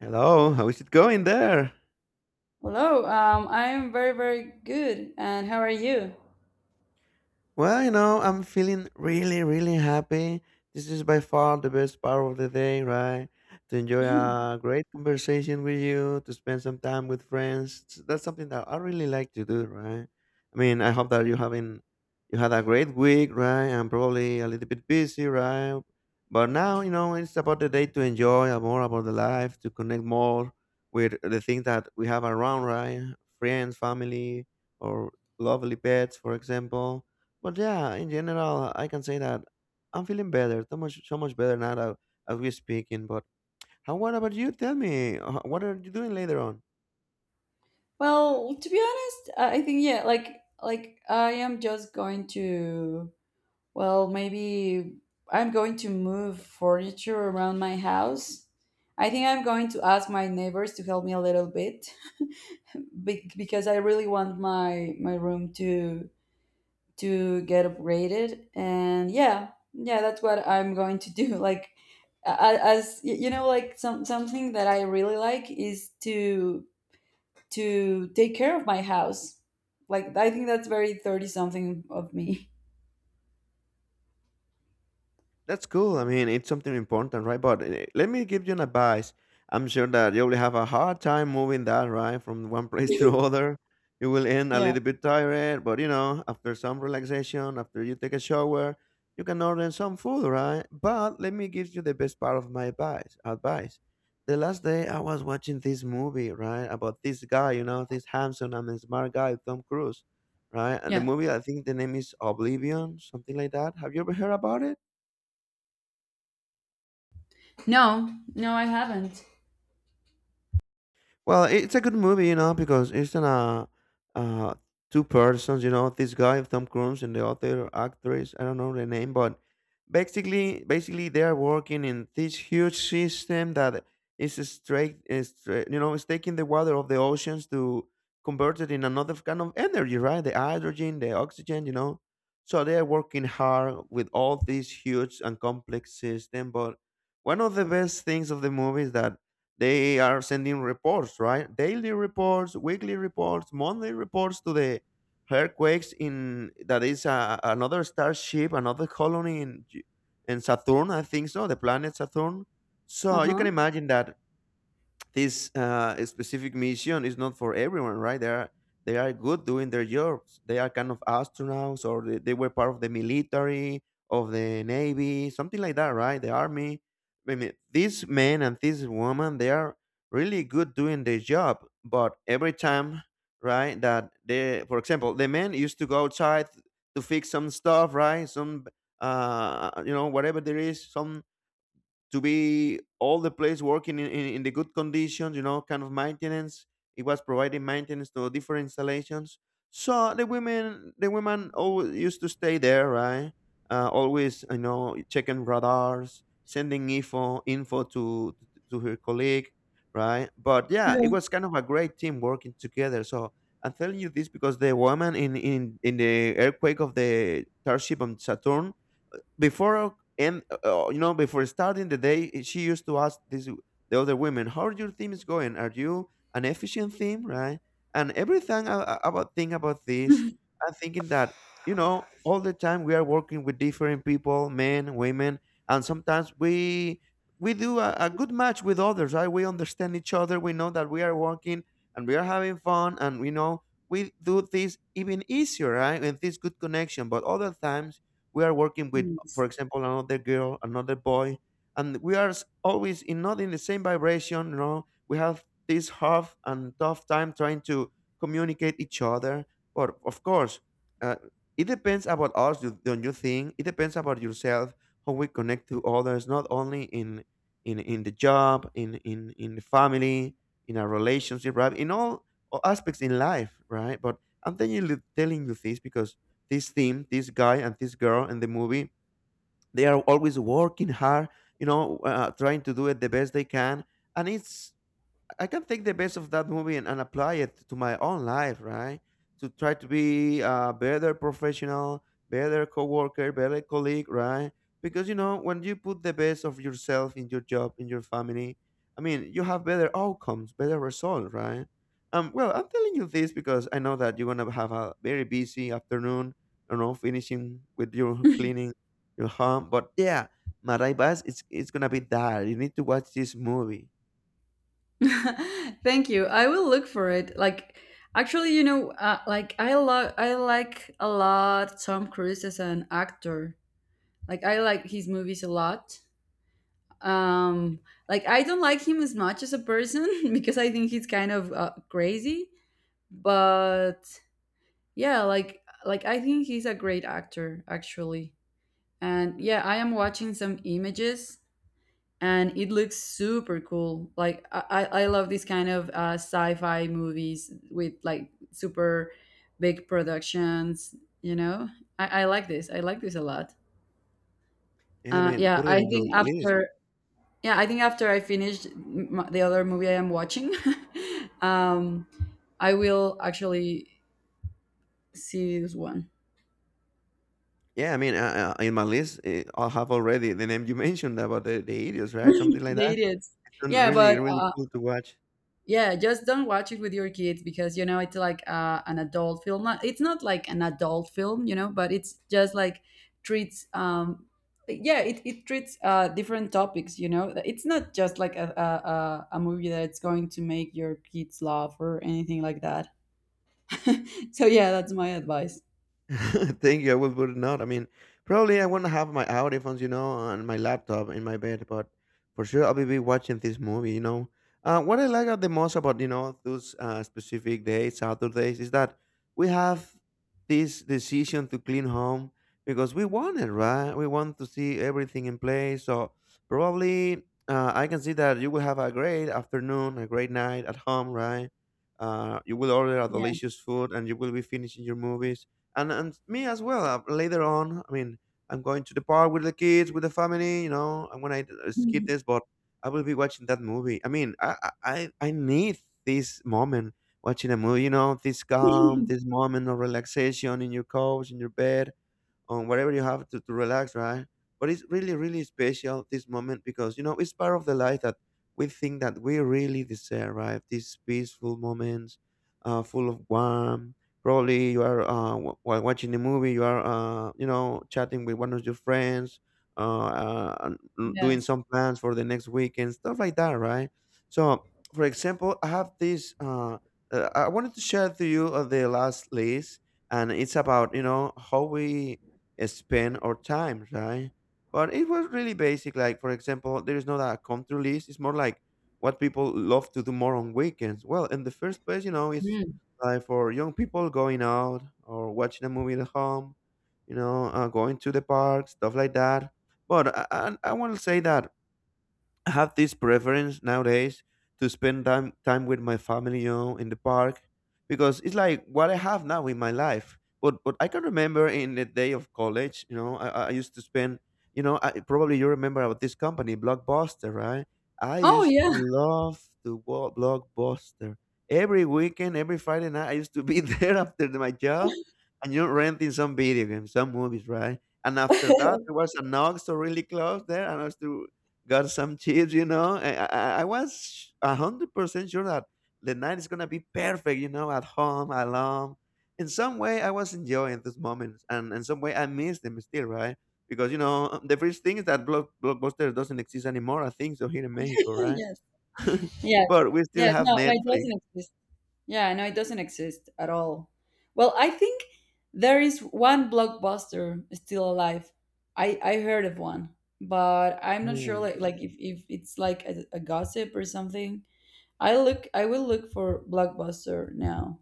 Hello, how is it going there? Hello, I'm very, very good. And how are you? Well, you know, I'm feeling really, really happy. This is by far the best part of the day, right? To enjoy a great conversation with you, to spend some time with friends. That's something that I really like to do, right? I mean, I hope that you having you had a great week, right? I'm probably a little bit busy, right? But now, you know, it's about the day to enjoy more about the life, to connect more with the things that we have around, right? Friends, family, or lovely pets, for example, but yeah, in general, I can say that I'm feeling better, so much, so much better now that as we speaking. But how? What about you? Tell me, what are you doing later on? Well, to be honest, I think yeah, like I am just going to. Maybe I'm going to move furniture around my house. I think I'm going to ask my neighbors to help me a little bit because I really want my room to get upgraded. And yeah, that's what I'm going to do. Like a- as y- you know like some something that I really like is to take care of my house. Like I think that's very 30 something of me. That's cool. I mean, it's something important, right? But let me give you an advice. I'm sure that you will have a hard time moving that, right, from one place to other. You will end a Yeah, little bit tired, but you know, after some relaxation, after you take a shower, you can order some food, right? But let me give you the best part of my advice. The last day I was watching this movie, right, about this guy, you know, this handsome and smart guy, Tom Cruise, right? And the yeah. movie, I think the name is Oblivion, something like that. Have you ever heard about it? No, no, I haven't. Well, it's a good movie, you know, because it's in a uh, two persons, you know, this guy Tom Cruise and the other actress. I don't know the name, but basically they are working in this huge system that is straight, you know, is taking the water of the oceans to convert it in another kind of energy, right? The hydrogen, the oxygen, you know. So they are working hard with all this huge and complex system, but one of the best things of the movie is that they are sending reports, right, daily reports, weekly reports, monthly reports to the earthquakes in that is another starship, another colony in in Saturn, I think, so the planet Saturn. So you can Uh-huh. imagine that this specific mission is not for everyone, right? They are good doing their jobs. They are kind of astronauts, or they were part of the military, of the navy, something like that, right? The army. I mean, these men and these women, they are really good doing their job. But every time, right, that they, for example, the men used to go outside to fix some stuff, right? Some, you know, whatever there is, some to be all the place working in the good conditions, you know, kind of maintenance. It was providing maintenance to different installations. So the women always used to stay there, right? Always, you know, checking radars, sending info to her colleague, right? But yeah, Yeah. it was kind of a great team working together. So I'm telling you this because the woman in the earthquake of the starship on Saturn before and you know, before starting the day, she used to ask this the other women, how are your teams going? Are you an efficient team, right? And everything about think about this. I'm thinking that, you know, all the time we are working with different people, men, women, and sometimes we do a good match with others, right? We understand each other, we know that we are working and we are having fun, and we know we do things even easier, right, with this good connection. But other times we are working with, Yes. for example, another girl, another boy, and we are always in not in the same vibration. You know, we have this half and tough time trying to communicate each other. But of course, uh, it depends about us, don't you think? It depends about yourself how we connect to others, not only in in the job, in the family, in our relationship, right? In all aspects in life, right? But I'm telling you this because this theme, this guy and this girl in the movie, they are always working hard, you know, trying to do it the best they can, and it's I can take the best of that movie and apply it to my own life, right? To try to be a better professional, better coworker, better colleague, right? Because you know, when you put the best of yourself in your job, in your family, I mean, you have better outcomes, better results, right? Well, I'm telling you this because I know that you're gonna have a very busy afternoon, you know, finishing with your cleaning your home. But yeah, my advice is it's gonna be that you need to watch this movie. Thank you. I will look for it. Like, actually, like I I like a lot Tom Cruise as an actor. Like I like his movies a lot. Um, like I don't like him as much as a person because I think he's kind of crazy. But yeah, like I think he's a great actor actually. And yeah, I am watching some images and it looks super cool. Like I love these kind of sci-fi movies with like super big productions. You know, I like this. I like this a lot. Yeah, I Uh, mean, yeah, put I it in your think list. after yeah, I think after I finish the other movie I am watching um I will actually see this one. Yeah, I mean, in my list, I have already the name you mentioned about the idiots, right? Something like The that. idiots. It's yeah really, but really uh cool to watch. yeah, just don't watch it with your kids because you know it's like an adult film not, it's not like an adult film, you know, but it's just like treats um yeah it, it treats different topics. You know, it's not just like a movie that's going to make your kids laugh or anything like that. So yeah, that's my advice. Thank you. I will put it out. I mean, probably I want to have my audiphones, you know, on my laptop in my bed, but for sure I'll be watching this movie, you know. What I like the most about, you know, those specific days, Saturdays, is that we have this decision to clean home because we want it, right? We want to see everything in place. So probably I can see that you will have a great afternoon, a great night at home, right? You will order a delicious food and you will be finishing your movies and me as well. Later on, I mean, I'm going to the park with the kids, with the family. You know, I'm gonna skip this, but I will be watching that movie. I mean, I need this moment watching a movie. You know, this calm, this moment of relaxation in your couch, in your bed, on whatever you have to relax, right? But it's really, really special this moment because you know it's part of the life that we think that we really deserve, right? These peaceful moments, full of warmth. Probably you are while watching the movie, you are you know, chatting with one of your friends, and doing Yes. some plans for the next weekend, stuff like that, right? So, for example, I have this. I wanted to share to you the last list, and it's about, you know, how we spend our time, right? But it was really basic. Like, for example, there is not a country list. It's more like what people love to do more on weekends. Well, in the first place, you know, it's Mm. like for young people going out or watching a movie at home, you know, going to the park, stuff like that. But I want to say that I have this preference nowadays to spend time with my family, you know, in the park, because it's like what I have now in my life. But I can remember in the day of college, you know, I used to spend, you know, I, probably you remember about this company, Blockbuster, right? I Oh used to yeah. love to go Blockbuster every weekend, every Friday night. I used to be there after my job, and you know, renting some video games, some movies, right? And after that, there was an Oxxo really close there, and I used to got some chips, you know. I was 100% sure that the night is gonna be perfect, you know, at home, alone. In some way, I was enjoying those moments, and in some way, I miss them still, right? Because you know, the first thing is that Blockbuster doesn't exist anymore. I think so here in Mexico, right? Yes. Yes. But we still Yeah. have No, no, it Netflix. doesn't exist. Yeah, no, it doesn't exist at all. Well, I think there is one Blockbuster still alive. I heard of one, but I'm not sure Ooh. Like if it's like a gossip or something. I will look for Blockbuster now.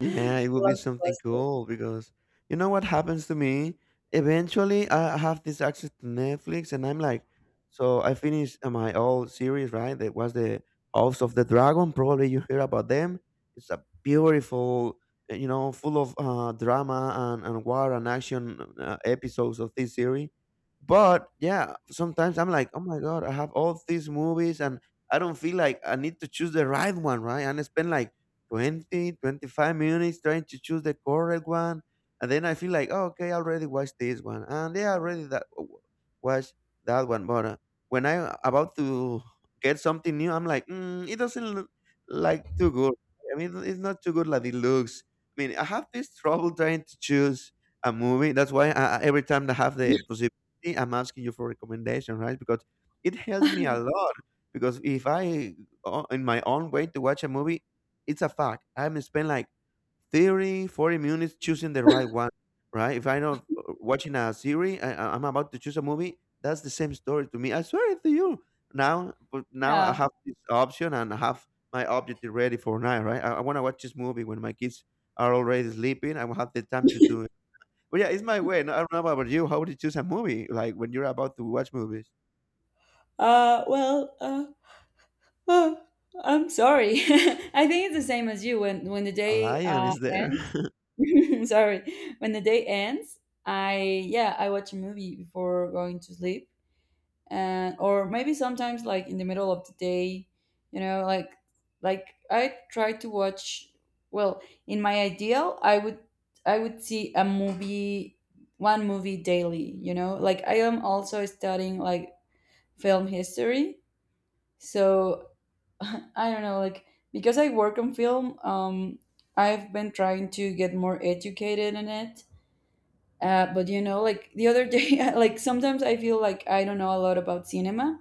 Yeah, it would be something Blockbuster. cool because you know what happens to me? Eventually, I have this access to Netflix, and I'm like, so I finished my old series, right? That was the House of the Dragon. Probably you hear about them. It's a beautiful, you know, full of drama and war and action episodes of this series. But yeah, sometimes I'm like, oh my God, I have all these movies and I don't feel like I need to choose the right one, right? And I spend like 20, 25 minutes trying to choose the correct one. And then I feel like, oh, okay, I already watched this one. And they already watched that one. But when I about to get something new, I'm like, mm, it doesn't look like too good. I mean, it's not too good like it looks. I mean, I have this trouble trying to choose a movie. That's why every time I have the possibility, I'm asking you for recommendation, right? Because it helps me a lot. Because if I, o- in my own way, to watch a movie, it's a fact. I'm spend like 30, 40 minutes choosing the right one, right? If I know watching a series, I'm about to choose a movie. That's the same story to me. I swear it to you. Now, but now I Yeah. have this option and I have my object ready for now, right? I want to watch this movie when my kids are already sleeping. I will have the time to do it. But yeah, it's my way. No, I don't know about you. How would you choose a movie? Like when you're about to watch movies, Uh well, uh Oh, I'm sorry. I think it's the same as you. When the a day lion is there. Sorry, when the day ends, I watch a movie before going to sleep, and or maybe sometimes like in the middle of the day, you know, like I try to watch. Well, in my ideal, I would see a movie, one movie daily. You know, like I am also studying like film history, so I don't know, like because I work on film, I've been trying to get more educated in it. But you know, like the other day, like sometimes I feel like I don't know a lot about cinema.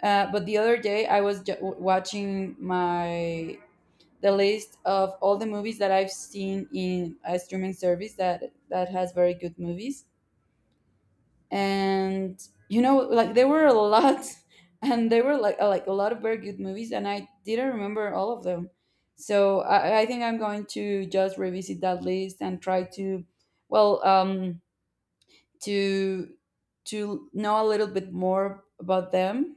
But the other day I was watching my the list of all the movies that I've seen in a streaming service that has very good movies. And you know, like there were a lot. And there were like a lot of very good movies, and I didn't remember all of them. So I think I'm going to just revisit that list and try to well um to to know a little bit more about them,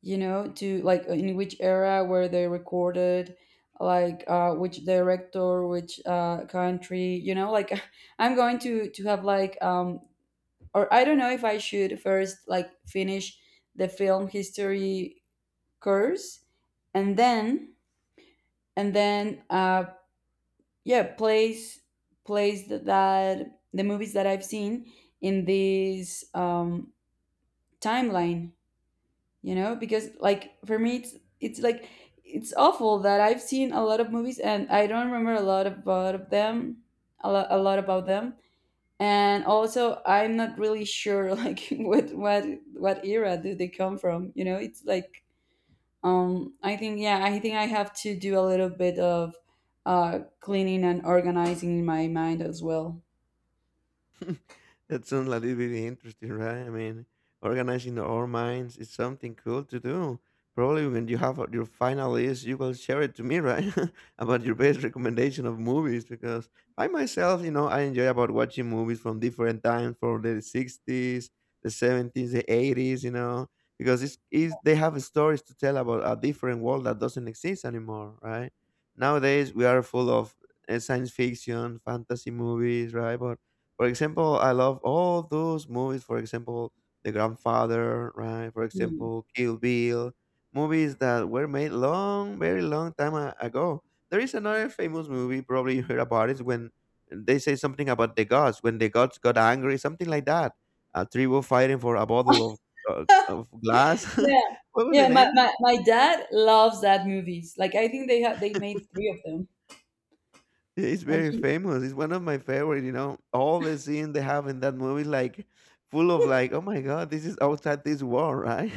you know, to like in which era were they recorded, like which director, which country. You know, like I'm going to have like or I don't know if I should first like finish the film history course, and then and then uh yeah place place that the movies that I've seen in this timeline. You know, because like for me it's like it's awful that I've seen a lot of movies and I don't remember a lot about them. And also I'm not really sure like what what era do they come from. You know, it's like I think yeah, I think I have to do a little bit of cleaning and organizing in my mind as well. That sounds a little bit interesting, right? I mean, organizing our minds is something cool to do. Probably when you have your final list, you will share it to me, right? about your best recommendation of movies, because I myself, you know, I enjoy about watching movies from different times, from the 60s, the 70s, the 80s, you know, because it's they have stories to tell about a different world that doesn't exist anymore, right? Nowadays, we are full of science fiction, fantasy movies, right? But for example, I love all those movies. For example, The Grandfather, right? For Hmm. example, Kill Bill, movies that were made long, very long time ago. There is another famous movie, probably you heard about it, when they say something about the gods, when the gods got angry, something like that. A tribe fighting for a bottle of glass. Yeah, What was yeah. the my, name? my my dad loves that movies. Like I think they made three of them. He's And very he famous. He's one of my favorite, you know. All the scene they have in that movie, like full of like, oh my God, this is outside this world, right?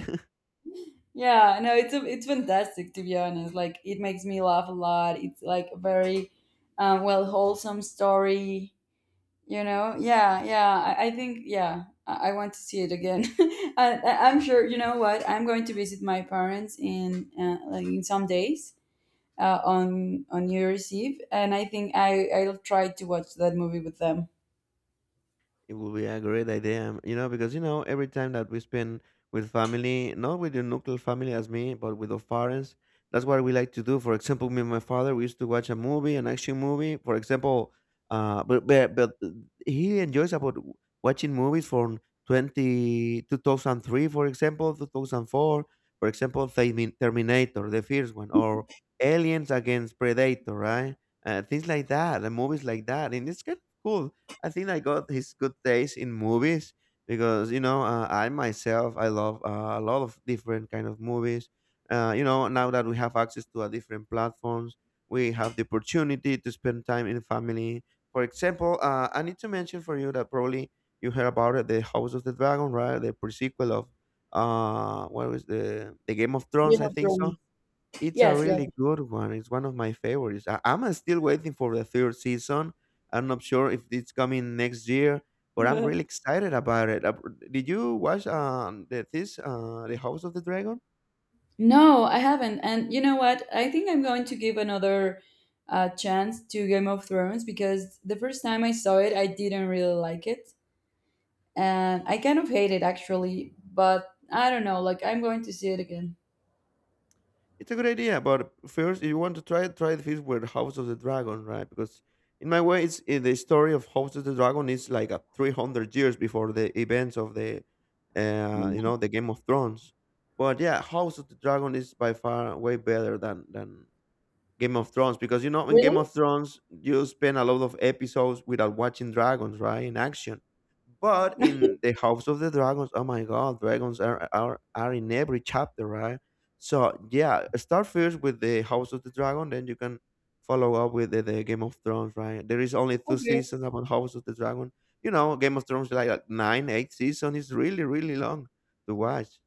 Yeah, no, it's it's fantastic, to be honest. Like it makes me laugh a lot. It's like a very wholesome story. You know, yeah, yeah. I think, I want to see it again. I'm sure. You know what? I'm going to visit my parents in like in some days, on New Year's Eve, and I think I'll try to watch that movie with them. It would be a great idea, you know, because you know every time that we spend with family, not with the nuclear family as me, but with the parents, that's what we like to do. For example, me and my father, we used to watch a movie, an action movie. For example, but he enjoys about watching movies from 20, 2003, for example, 2004, for example, Terminator, the first one, or Aliens Against Predator, right? Things like that, and movies like that, and it's kind of cool. I think I got his good taste in movies because you know I myself I love a lot of different kind of movies. You know now that we have access to a different platforms, we have the opportunity to spend time in family. For example, I need to mention for you that probably you heard about it, the House of the Dragon, right? The prequel of what was the Game of Thrones? Game I of think Thrones. so it's a Yes, yes. really good one. It's one of my favorites. I'm still waiting for the third season. I'm not sure if it's coming next year, but I'm really excited about it. Did you watch the House of the Dragon? No, I haven't. And you know what? I think I'm going to give another chance to Game of Thrones because the first time I saw it, I didn't really like it, and I kind of hate it actually. But I don't know. Like I'm going to see it again. It's a good idea, but first, if you want to try it, try the first with House of the Dragon, right? Because in my way, the story of House of the Dragon is like a 300 years before the events of the, you Mhm. know, the Game of Thrones. But yeah, House of the Dragon is by far way better than Game of Thrones because you know in Game Really? of Thrones you spend a lot of episodes without watching dragons, right, in action. But in the House of the Dragons, oh my God, dragons are in every chapter, right? So yeah, start first with the House of the Dragon, then you can follow up with the Game of Thrones, right? There is only two Okay. seasons about House of the Dragon. You know, Game of Thrones is like nine, eight season is really, really long to watch.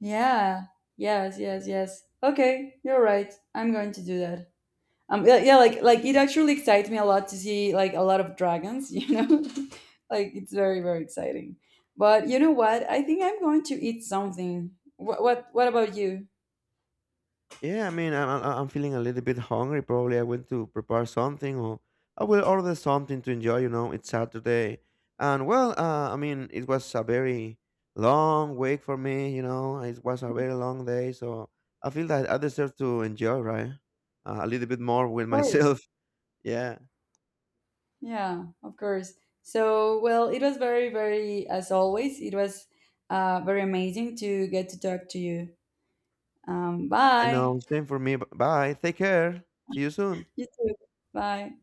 Yeah. Yes. Yes. Yes. Okay. You're right. I'm going to do that. Yeah. Yeah, like it actually excites me a lot to see like a lot of dragons. You know, like it's very, very exciting. But you know what? I think I'm going to eat something. What about you? Yeah, I mean, I'm feeling a little bit hungry. Probably I went to prepare something, or I will order something to enjoy. You know, it's Saturday, and well, I mean, it was a very long week for me. You know, it was a very long day, so I feel that I deserve to enjoy, right? A little bit more Of with course. myself. Yeah, Yeah, of course. So, well, it was as always, it was very amazing to get to talk to you. I Bye. know. Same for me. Bye. Take care. See you soon. You too. Bye.